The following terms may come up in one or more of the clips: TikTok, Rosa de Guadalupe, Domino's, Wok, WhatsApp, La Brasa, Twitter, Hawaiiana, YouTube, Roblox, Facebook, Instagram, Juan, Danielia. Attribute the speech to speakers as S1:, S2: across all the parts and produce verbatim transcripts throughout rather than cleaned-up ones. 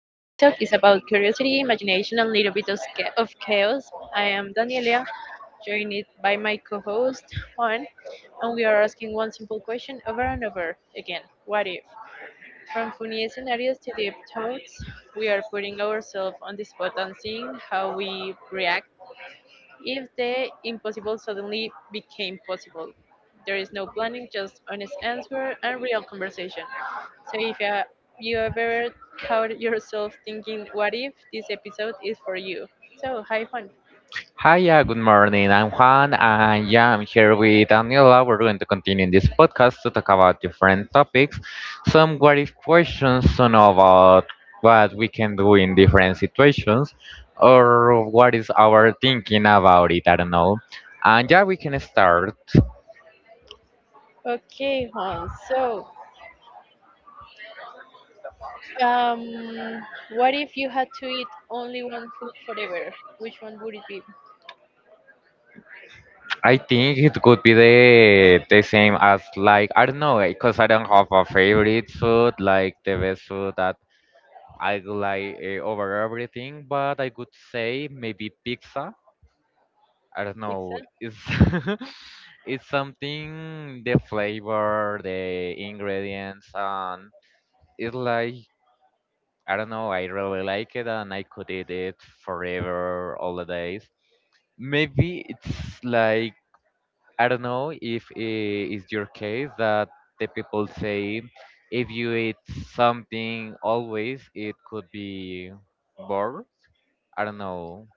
S1: is about curiosity, imagination, and a little bit of, sca- of chaos. I am Danielia, joined by my co-host Juan, and we are asking one simple question over and over again: What if? From funny scenarios to deep thoughts, we are putting ourselves on the spot and seeing how we react if the impossible suddenly became possible. There is no planning, just honest answer and real conversation. So if uh, you ever caught yourself thinking, what if this episode is for you? So, hi Juan.
S2: Hi, yeah, good morning. I'm Juan, and yeah, I'm here with Daniela. We're going to continue in this podcast to talk about different topics, some what if questions to know about what we can do in different situations, or what is our thinking about it. I don't know. And yeah, we can start.
S1: Okay, Juan. So, um, what if you had to eat only one food forever? Which one would it be?
S2: I think it could be the the same as, like, I don't know, because I don't have a favorite food, like the best food that I like uh, over everything, but I could say maybe pizza. I don't
S1: Pizza?
S2: know. It's it's something, the flavor, the ingredients, and it's like I don't know. I really like it, and I could eat it forever, all the days. Maybe it's like I don't know if it's your case that the people say if you eat something always, it could be bored. I don't know.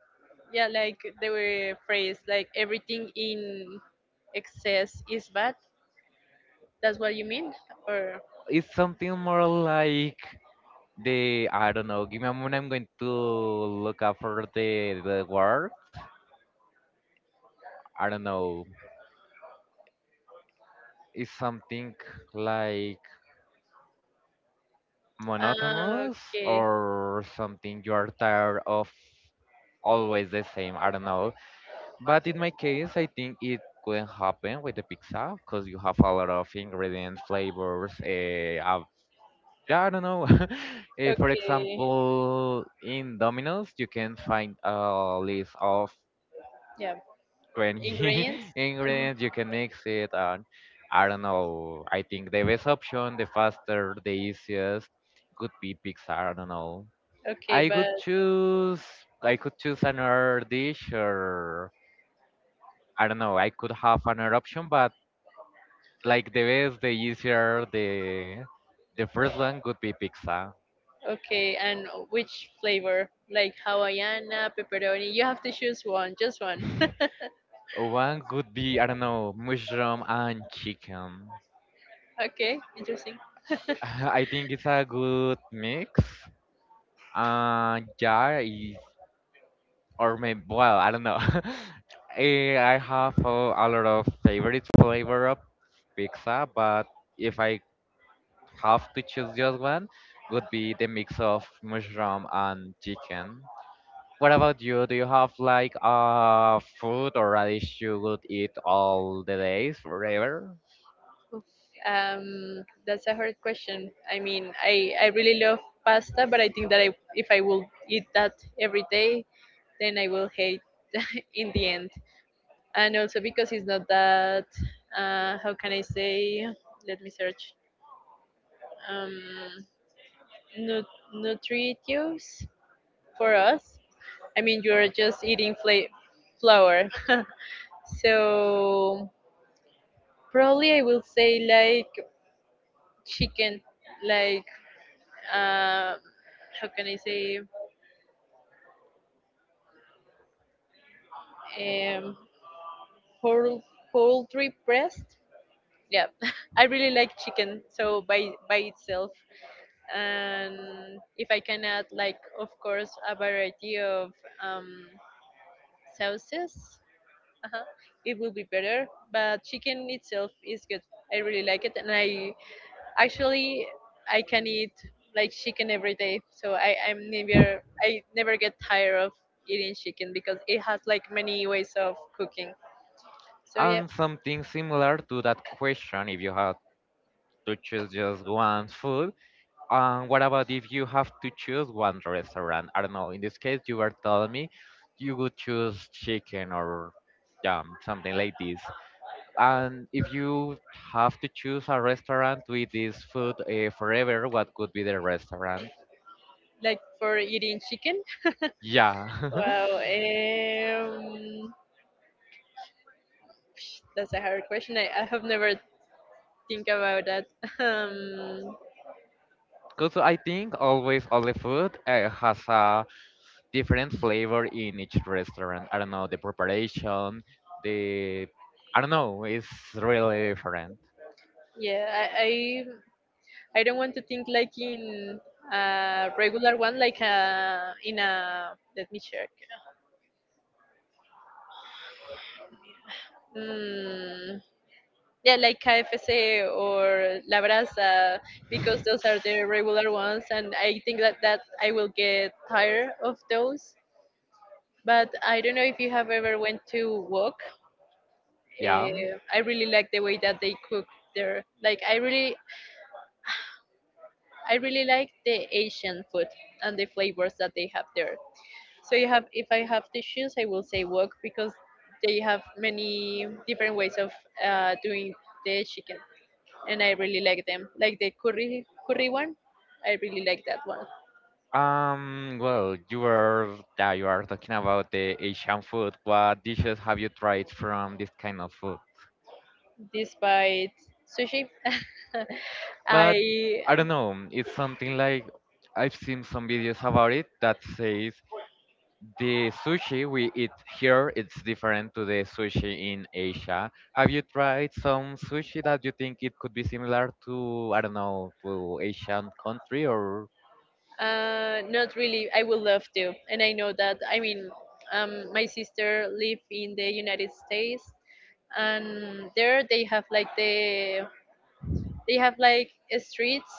S1: Yeah, like they were phrase like everything in excess is bad. That's what you mean? Or
S2: It's something more like the I don't know. Give me a moment. I'm going to look up for the the word. I don't know. It's something like
S1: ah,
S2: monotonous
S1: okay,
S2: or something you're tired of, always the same. I don't know. But in my case, I think it couldn't happen with the pizza because you have a lot of ingredients, flavors. Uh, uh, yeah, I don't know. Eh, for
S1: okay.
S2: example, in Domino's, you can find a list of
S1: Yeah,
S2: twenty
S1: ingredients. Mhm.
S2: ingredients. You can mix it, and I don't know. I think the best option, the faster, the easiest, could be pizza. I don't know.
S1: Okay,
S2: I
S1: but
S2: could choose. I could choose another dish or. I don't know. I could have another option, but like the best, the easier, the the first one would be pizza.
S1: okay, and which flavor? Like Hawaiiana, pepperoni. You have to choose one, just one.
S2: One would be, I don't know, mushroom and chicken.
S1: Okay, interesting.
S2: I think it's a good mix. Uh, yeah, is or maybe well I don't know. Eh, I have a, a lot of favorite flavor of pizza, but if I have to choose just one, would be the mix of mushroom and chicken. What about you? Do you have like a food or a dish you would eat all the days forever?
S1: Um, that's a hard question. I mean, I I really love pasta, but I think that I if I will eat that every day, then I will hate in the end. And also because it's not that. Uh, how can I say? Let me search. Um, nut- nutritious for us. I mean, you're just eating fla- flour. So probably I will say like chicken, like um, how can I say, um, poul- poultry breast. Yeah, I really like chicken. So by by itself, and if I can add like of course a variety of um, sauces. uh it will be better. But chicken itself is good. I really like it, and I Actually, I can eat like chicken every day, so I I'm never I never get tired of eating chicken because it has like many ways of cooking. So yeah,
S2: And something similar to that question, if you had to choose just one food, and what about if you have to choose one restaurant? I don't know. In this case, you were telling me you would choose chicken or um, something like this. And if you have to choose a restaurant to eat this food uh, forever, what could be the restaurant?
S1: like for eating chicken,
S2: Yeah.
S1: wow, um, that's a hard question. I, I have never think about that. Um,
S2: Because I think always all the food uh, has a different flavor in each restaurant. I don't know, the preparation, the I don't know, it's really different.
S1: yeah, I, I, I don't want to think like in a regular one, like uh in a let me check. Hmm. Yeah, like K F C or La Brasa, because those are the regular ones, and I think that that I will get tired of those. But I don't know if you have ever went to Wok.
S2: Yeah.
S1: Uh, I really like the way that they cook there. Like I really, I really like the Asian food and the flavors that they have there. So you have, if I have to choose, I will say Wok because they have many different ways of uh, doing the chicken. And I really like them. Like the curry curry one, I really like that one.
S2: Um, well, you are yeah, you are talking about the Asian food. What dishes have you tried from this kind of food?
S1: Despite sushi,
S2: But
S1: I
S2: I don't know. It's something like I've seen some videos about it that says the sushi we eat here it's different to the sushi in Asia. Have you tried some sushi that you think it could be similar to, I don't know, to Asian country or
S1: uh, not really. I would love to, and I know that. I mean, um, my sister live in the United States, and there they have like the they have like streets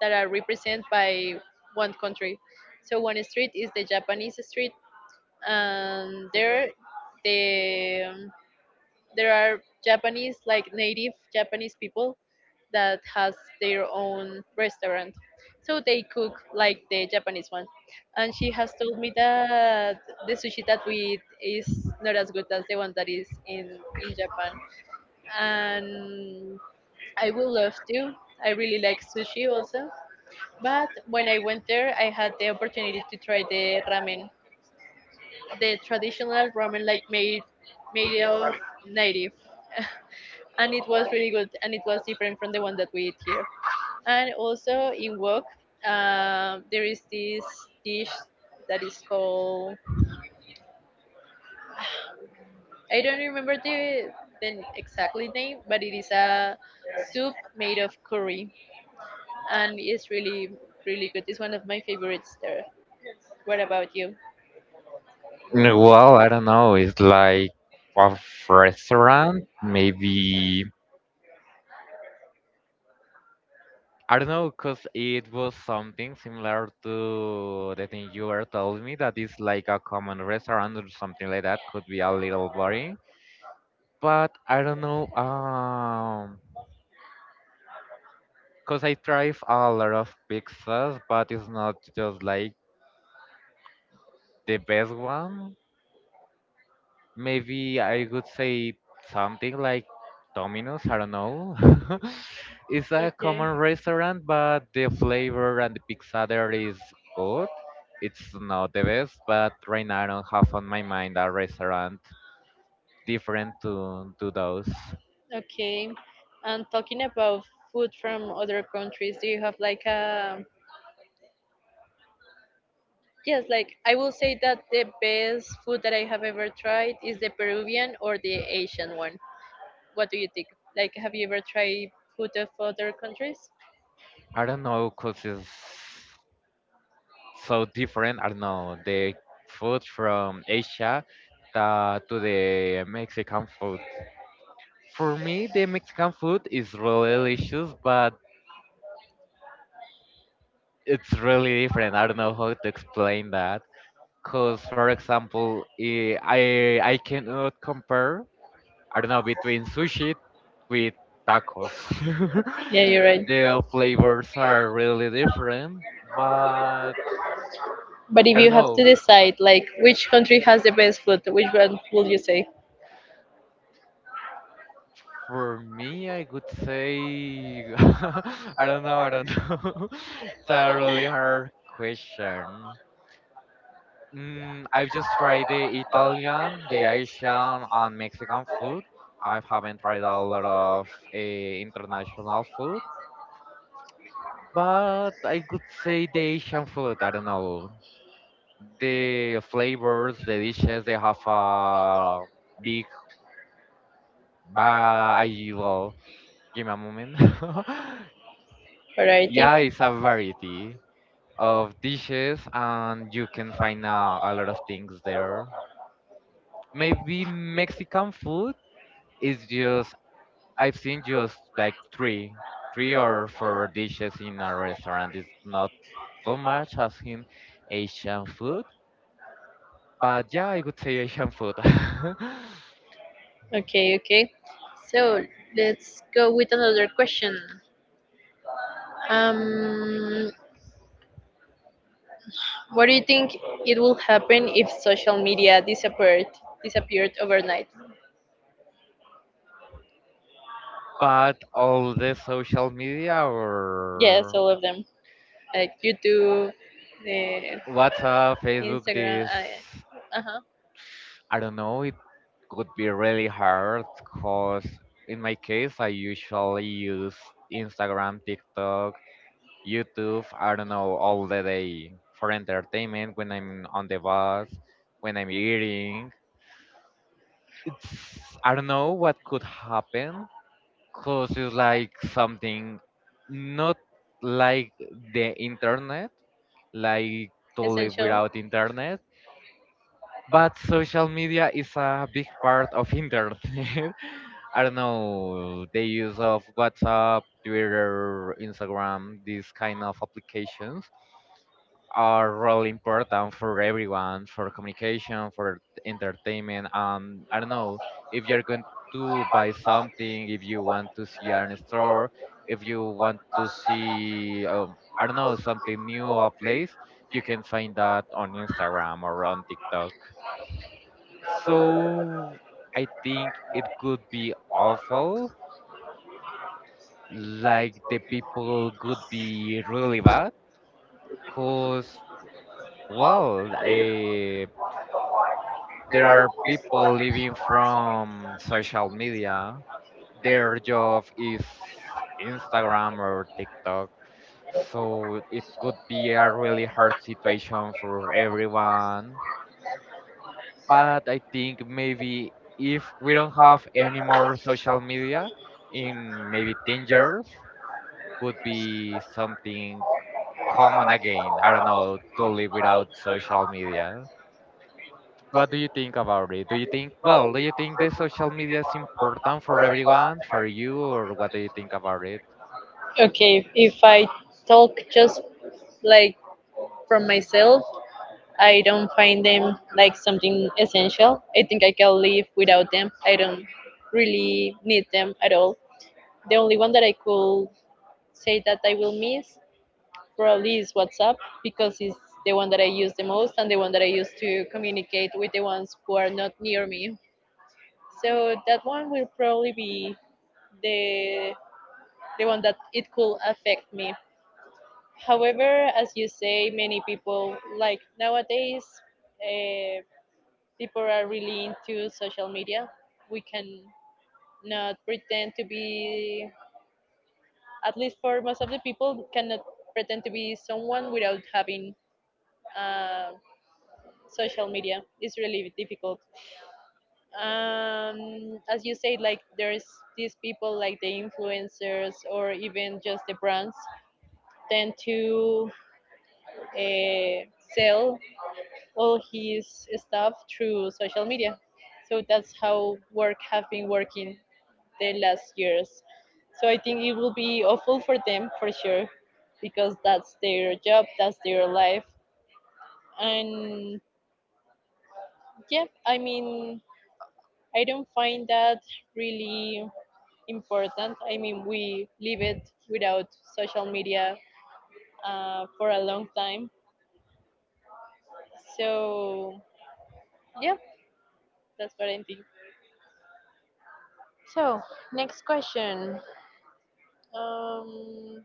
S1: that are represented by one country. So one street is the Japanese street, and there the there are Japanese like native Japanese people that has their own restaurant. So they cook like the Japanese one. And she has told me that the sushi that we eat is not as good as the one that is in, in Japan. And I would love to. I really like sushi also. But when I went there, I had the opportunity to try the ramen, the traditional ramen like made made of native. And it was really good, and it was different from the one that we eat here. And also in wok, um, there is this dish that is called, I don't remember the, the exactly name, but it is a soup made of curry, and it's really really good. It's one of my favorites there. What about you?
S2: mm, well I don't know. It's like a restaurant maybe I don't know, cause it was something similar to the thing you were telling me that is like a common restaurant or something like that. Could be a little boring, but I don't know. Um, cause I tried a lot of pizzas, but it's not just like the best one. Maybe I could say something like Domino's, I don't know. It's a
S1: Okay,
S2: common restaurant, but the flavor and the pizza there is good. It's not the best, but right now I don't have on my mind a restaurant different to to those.
S1: okay. And talking about food from other countries, do you have like a? Yes, like I will say that the best food that I have ever tried is the Peruvian or the Asian one. What do you think? Like, have you ever tried food of other countries?
S2: I don't know, cause it's so different. I don't know the food from Asia uh, to the Mexican food. For me, the Mexican food is really delicious, but it's really different. I don't know how to explain that. Cause for example, eh, I I cannot compare. I don't know, between sushi with tacos.
S1: Yeah, you're right.
S2: The flavors are really different, but
S1: But if
S2: I
S1: you
S2: don't
S1: have to
S2: know.
S1: decide, like, which country has the best food, which one will you say?
S2: For me, I would say I don't know. I don't know. It's a really hard question. Mm, I've just tried the Italian, the Asian, and Mexican food. I haven't tried a lot of uh, international food, but I could say the Asian food. I don't know. The flavors, the dishes, they have a big variety. Well, give me a moment.
S1: Variety?
S2: Yeah, it's a variety of dishes, and you can find uh, a lot of things there. Maybe Mexican food is just I've seen just like three, three or four dishes in a restaurant. It's not so much as in Asian food, but yeah, I would say Asian food.
S1: Okay, okay. So let's go with another question. Um, What do you think it will happen if social media disappeared disappeared overnight?
S2: But all the social media
S1: Yes,
S2: or
S1: all of them, like YouTube, the
S2: WhatsApp, Facebook,
S1: Instagram.
S2: this,
S1: Uh huh.
S2: I don't know, it could be really hard because in my case, I usually use Instagram, TikTok, YouTube, I don't know, all the day for entertainment when I'm on the bus, when I'm eating. It's, I don't know what could happen because it's like something not like the internet, like to live
S1: Essential.
S2: without internet, but social media is a big part of internet. I don't know, the use of WhatsApp, Twitter, Instagram, these kind of applications are really important for everyone, for communication, for entertainment. Um, I don't know if you're going to buy something, if you want to see an store, if you want to see, um, I don't know, something new, a place, you can find that on Instagram or on TikTok. So I think it could be awful. Like the people could be really bad. Cause well, eh, there are people living from social media. Their job is Instagram or TikTok. So it could be a really hard situation for everyone, but I think maybe if we don't have any more social media in maybe ten years, could be something common again. I don't know, to live without social media. What do you think about it? Do you think, well, do you think the social media is important for everyone, for you, or what do you think about it?
S1: Okay, if I talk just like from myself, I don't find them like something essential. I think I can live without them. I don't really need them at all. The only one that I could say that I will miss probably is WhatsApp, because it's the one that I use the most and the one that I use to communicate with the ones who are not near me. So that one will probably be the the one that it could affect me. However, as you say, many people like nowadays, uh, people are really into social media. We can not pretend to be, at least for most of the people, cannot pretend to be someone without having, uh, social media is really difficult. Um, as you said, like there's these people like the influencers or even just the brands tend to uh, sell all his stuff through social media. So that's how work have been working the last years. So I think it will be awful for them for sure, because that's their job, that's their life. And yeah, I mean, I don't find that really important. I mean, we live it without social media uh, for a long time. So, yeah, that's what I think. So, next question. Um,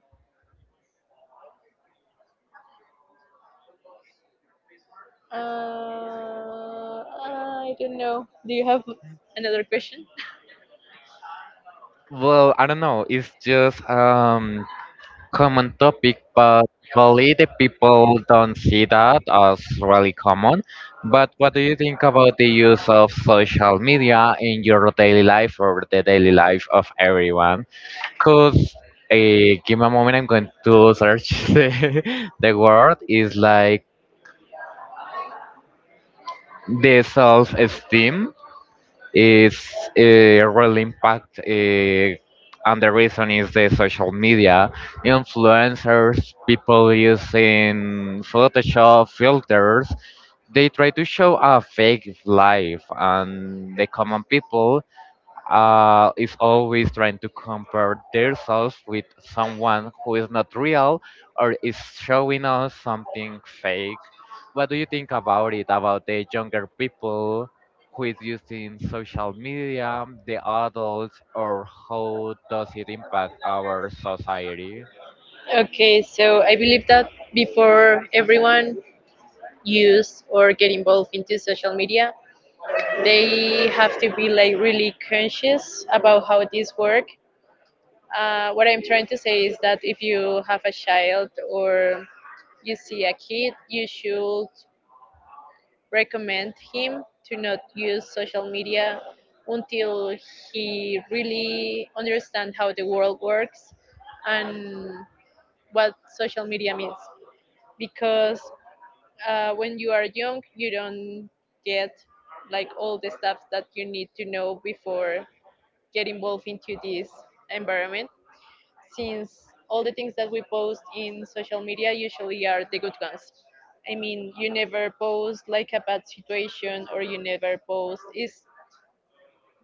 S1: uh, I don't know. Do you have another question?
S2: Well, I don't know. It's just um common topic, but usually the people don't see that as really common. But what do you think about the use of social media in your daily life or the daily life of everyone? Because give me a moment, I'm going to search the, the word. Is like the self-esteem is uh, really impact uh, and the reason is the social media influencers, people using photoshop filters, they try to show a fake life, and the common people uh, is always trying to compare themselves with someone who is not real or is showing us something fake. What do you think about it? About the younger people who is using social media, the adults, or how does it impact our society?
S1: Okay, so I believe that before everyone use or get involved into social media, they have to be like really conscious about how this work. Uh, what I'm trying to say is that if you have a child or you see a kid, you should recommend him to not use social media until he really understand how the world works and what social media means. Because uh, when you are young, you don't get like all the stuff that you need to know before get involved into this environment, since all the things that we post in social media usually are the good ones. I mean, you never post like a bad situation, or you never post. It's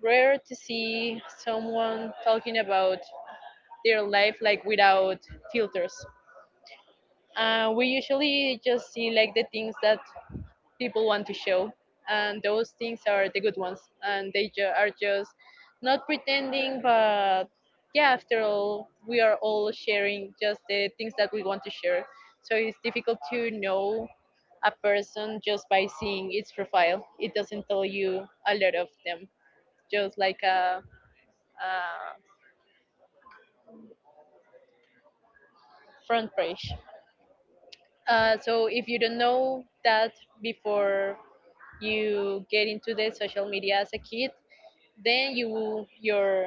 S1: rare to see someone talking about their life like without filters. Uh, we usually just see like the things that people want to show, and those things are the good ones, and they ju- are just not pretending, but yeah, after all we are all sharing just the things that we want to share. So it's difficult to know a person just by seeing its profile. It doesn't tell you a lot of them, just like a, a front page. Uh, so if you don't know that before you get into the social media as a kid, then you will, your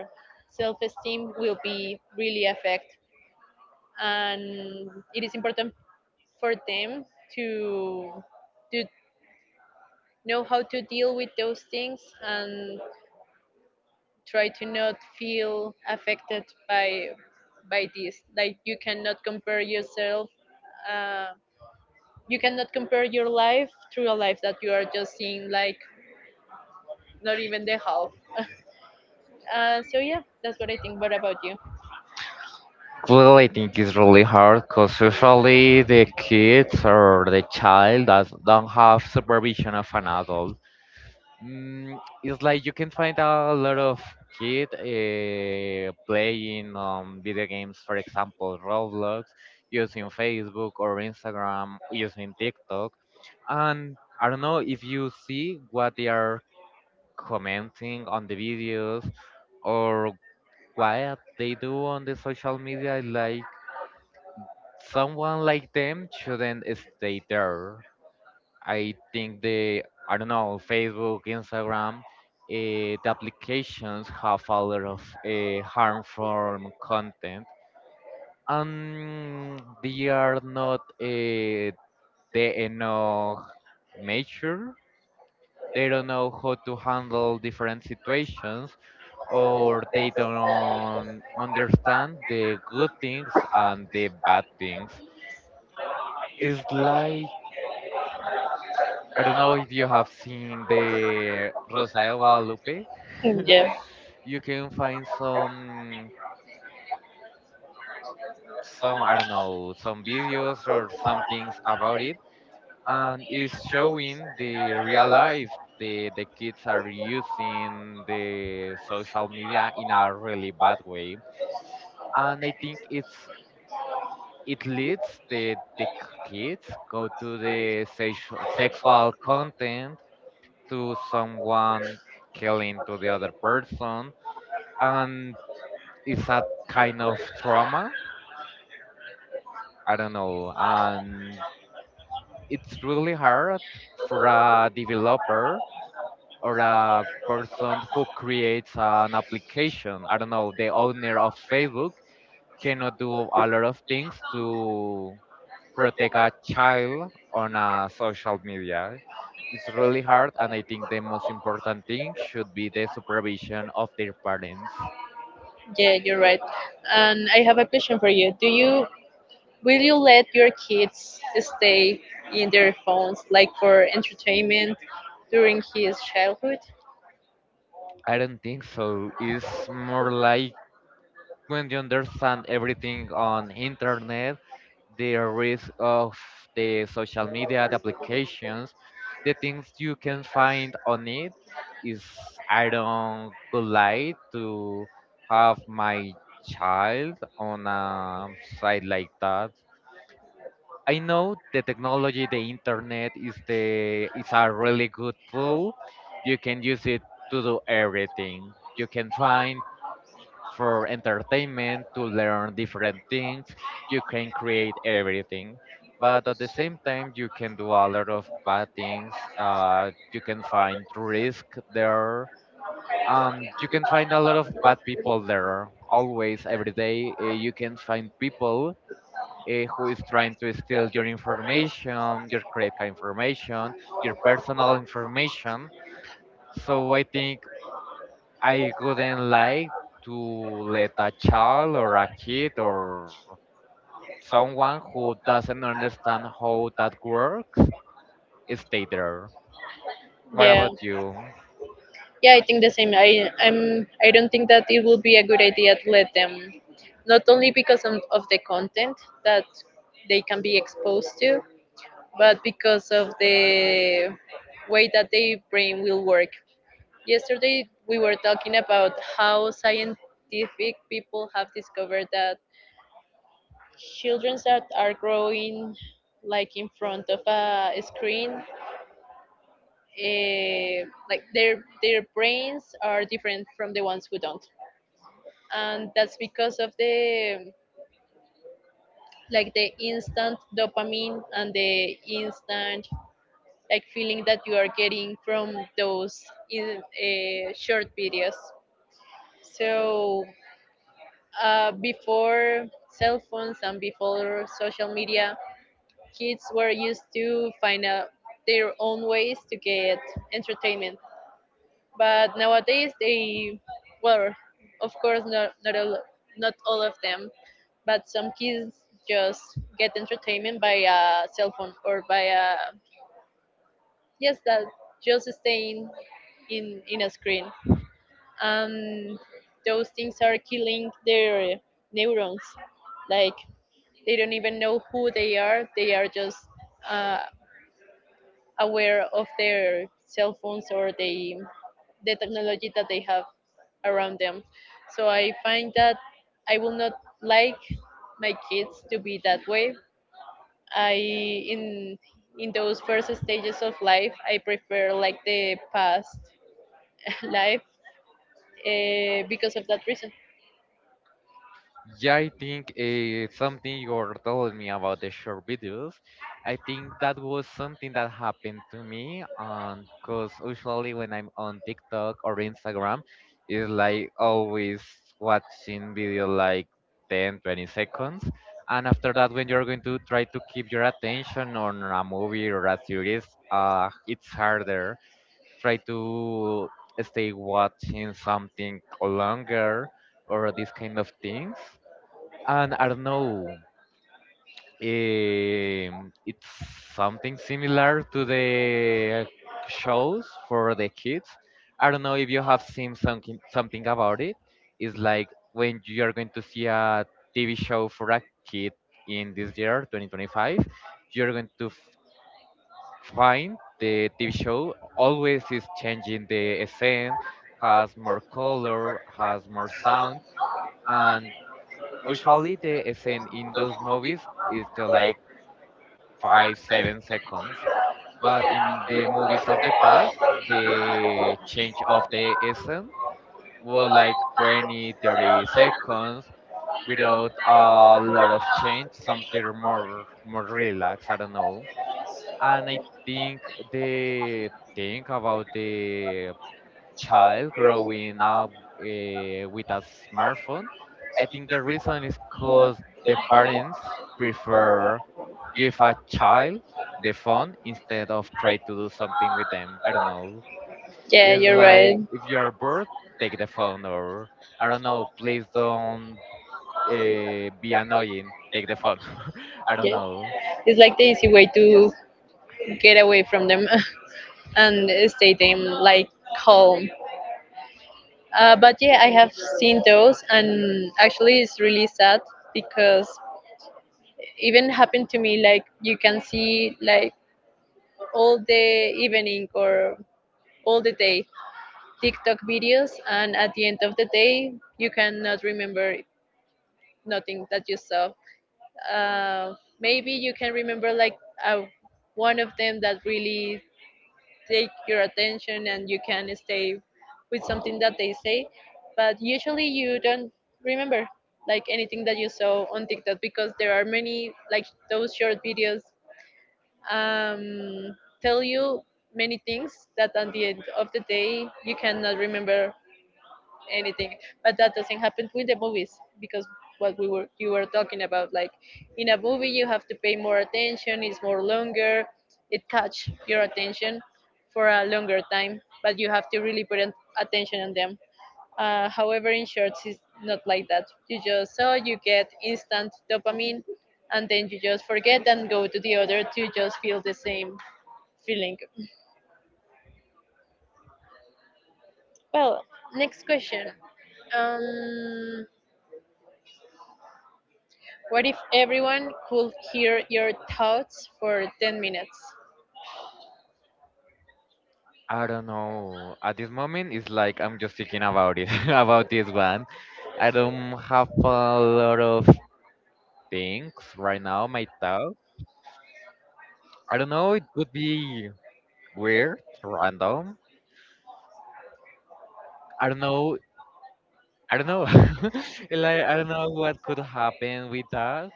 S1: self-esteem will be really affected. And it is important for them to to know how to deal with those things and try to not feel affected by by this. Like you cannot compare yourself, uh, you cannot compare your life through a life that you are just seeing like not even the half. Uh, so yeah, that's what I think. What about you?
S2: Well, I think it's really hard because usually the kids or the child does don't have supervision of an adult. Mm, it's like you can find a lot of kid uh, playing um, video games, for example, Roblox, using Facebook or Instagram, using TikTok. And I don't know if you see what they are commenting on the videos or what they do on the social media, like someone like them shouldn't stay there. I think the I don't know, Facebook, Instagram, uh, the applications have a lot of uh, harmful content, and they are not uh, they enough mature. They don't know how to handle different situations, or they don't understand the good things and the bad things. It's like I don't know if you have seen the Rosa de Guadalupe.
S1: Yeah.
S2: You can find some some I don't know some videos or some things about it, and it's showing the real life, the the kids are using the social media in a really bad way, and I think it's it leads the the kids go to the sexual sexual content, to someone killing to the other person, and it's a kind of trauma, I don't know, and it's really hard for a developer or a person who creates an application, I don't know, the owner of Facebook cannot do a lot of things to protect a child on a social media. It's really hard, and I think the most important thing should be the supervision of their parents.
S1: Yeah, you're right. And I have a question for you. Do you will you let your kids stay in their phones like for entertainment during his childhood?
S2: I don't think so. It's more like when you understand everything on internet, the risk of the social media, the applications, the things you can find on it is I don't would like to have my child on a site like that. I know the technology, the internet is the is a really good tool. You can use it to do everything. You can find for entertainment, to learn different things. You can create everything. But at the same time, you can do a lot of bad things. Uh, you can find risk there. Um, you can find a lot of bad people there. Always, every day, uh, you can find people uh, who is trying to steal your information, your credit card information, your personal information. So I think I wouldn't like to let a child or a kid or someone who doesn't understand how that works stay there. What
S1: Yeah.
S2: about you?
S1: Yeah, I think the same. I I'm I don't think that it will be a good idea to let them, not only because of, of the content that they can be exposed to, but because of the way that their brain will work. Yesterday, we were talking about how scientific people have discovered that children that are growing like in front of a screen, uh, like their their brains are different from the ones who don't, and that's because of the like the instant dopamine and the instant like feeling that you are getting from those in, uh, short videos. So uh, before cell phones and before social media, kids were used to find out their own ways to get entertainment. But nowadays, they, well, of course, not not all not all of them, but some kids just get entertainment by a cell phone or by a, yes, that just staying in in a screen, and those things are killing their neurons, like they don't even know who they are. They are just uh, aware of their cell phones or the the technology that they have around them. So I find that I will not like my kids to be that way. I, in in those first stages of life, I prefer like the past life, uh, because of that reason.
S2: Yeah, I think uh, something you were telling me about the short videos. I think that was something that happened to me, and because usually when I'm on TikTok or Instagram, it's like always watching video like ten, twenty seconds, and after that, when you're going to try to keep your attention on a movie or a series, uh, it's harder. Try to stay watching something longer or these kind of things, and I don't know. Um, it's something similar to the shows for the kids. I don't know if you have seen something something about it. It's like when you are going to see a T V show for a kid in this year, twenty twenty-five, you're going to f- find the T V show always is changing the scene, has more color, has more sound, and usually the scene in those movies is just like five seven seconds, but in the movies of the past, the change of the scene was like twenty, thirty seconds without a lot of change, something more more relaxed. I don't know. And I think the thing about the child growing up uh, with a smartphone, I think the reason is because the parents prefer give a child the phone instead of try to do something with them. I don't know.
S1: Yeah,
S2: It's
S1: you're right.
S2: like if you are bored, take the phone, or I don't know. Please don't uh, be annoying. Take the phone. I don't
S1: Yeah,
S2: know.
S1: it's like the easy way to get away from them. And stay them like calm. Uh, but yeah, I have seen those, and actually, it's really sad because even happened to me. Like you can see like all the evening or all the day TikTok videos, and at the end of the day, you cannot remember nothing that you saw. Uh, Maybe you can remember like uh, one of them that really take your attention, and you can stay with something that they say, but usually you don't remember like anything that you saw on tiktok, because there are many like those short videos um, tell you many things that at the end of the day you cannot remember anything. But that doesn't happen with the movies, because what we were you were talking about, like in a movie you have to pay more attention, it's more longer, it catch your attention for a longer time, but you have to really put an- attention on them. Uh, however, in shorts, it's not like that. You just saw, you get instant dopamine, and then you just forget and go to the other to just feel the same feeling. Well, next question. um What if everyone could hear your thoughts for ten minutes?
S2: I don't know. At this moment, it's like I'm just thinking about it, about this one. I don't have a lot of things right now, my thought. I don't know, it would be weird, random. I don't know. I don't know. Like I don't know what could happen with that.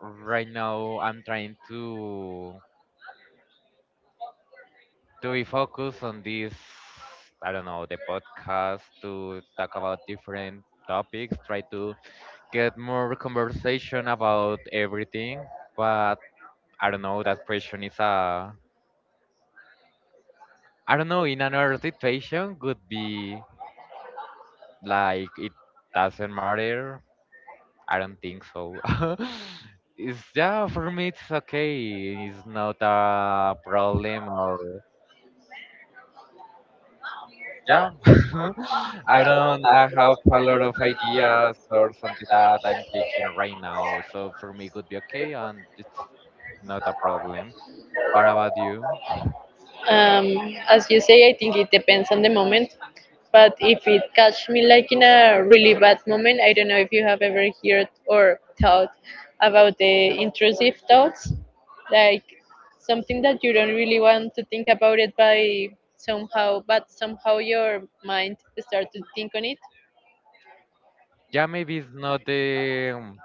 S2: Right now I'm trying to to be focused on this, I don't know, the podcast, to talk about different topics, try to get more conversation about everything. But I don't know, that question is a, I don't know, in another situation could be. Like it doesn't matter. I don't think so. It's yeah, for me it's okay. It's not a problem, or yeah. I don't I have a lot of ideas or something that I'm thinking right now. So for me it would be okay, and it's not a problem. What about you?
S1: Um, as you say, I think it depends on the moment. But if it catch me like in a really bad moment, I don't know if you have ever heard or thought about the intrusive thoughts, like something that you don't really want to think about it by somehow, but somehow your mind start to think on it.
S2: Yeah, maybe it's not the,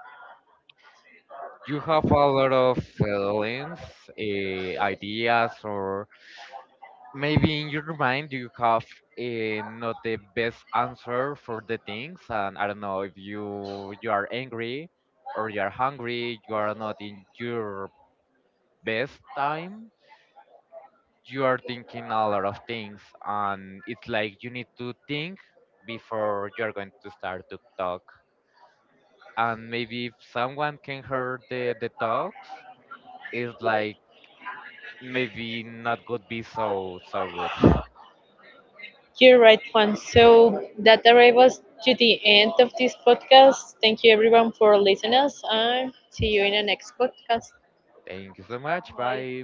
S2: you have a lot of feelings, uh, ideas, or maybe in your mind you have uh, not the best answer for the things, and I don't know if you you are angry or you are hungry, you are not in your best time. You are thinking a lot of things, and it's like you need to think before you're going to start to talk. And maybe if someone can hear the the talks, it's like maybe not could be so so good.
S1: You're right, Juan. So that arrives us to the end of this podcast. Thank you, everyone, for listening us, and see you in the next podcast.
S2: Thank you so much. Bye.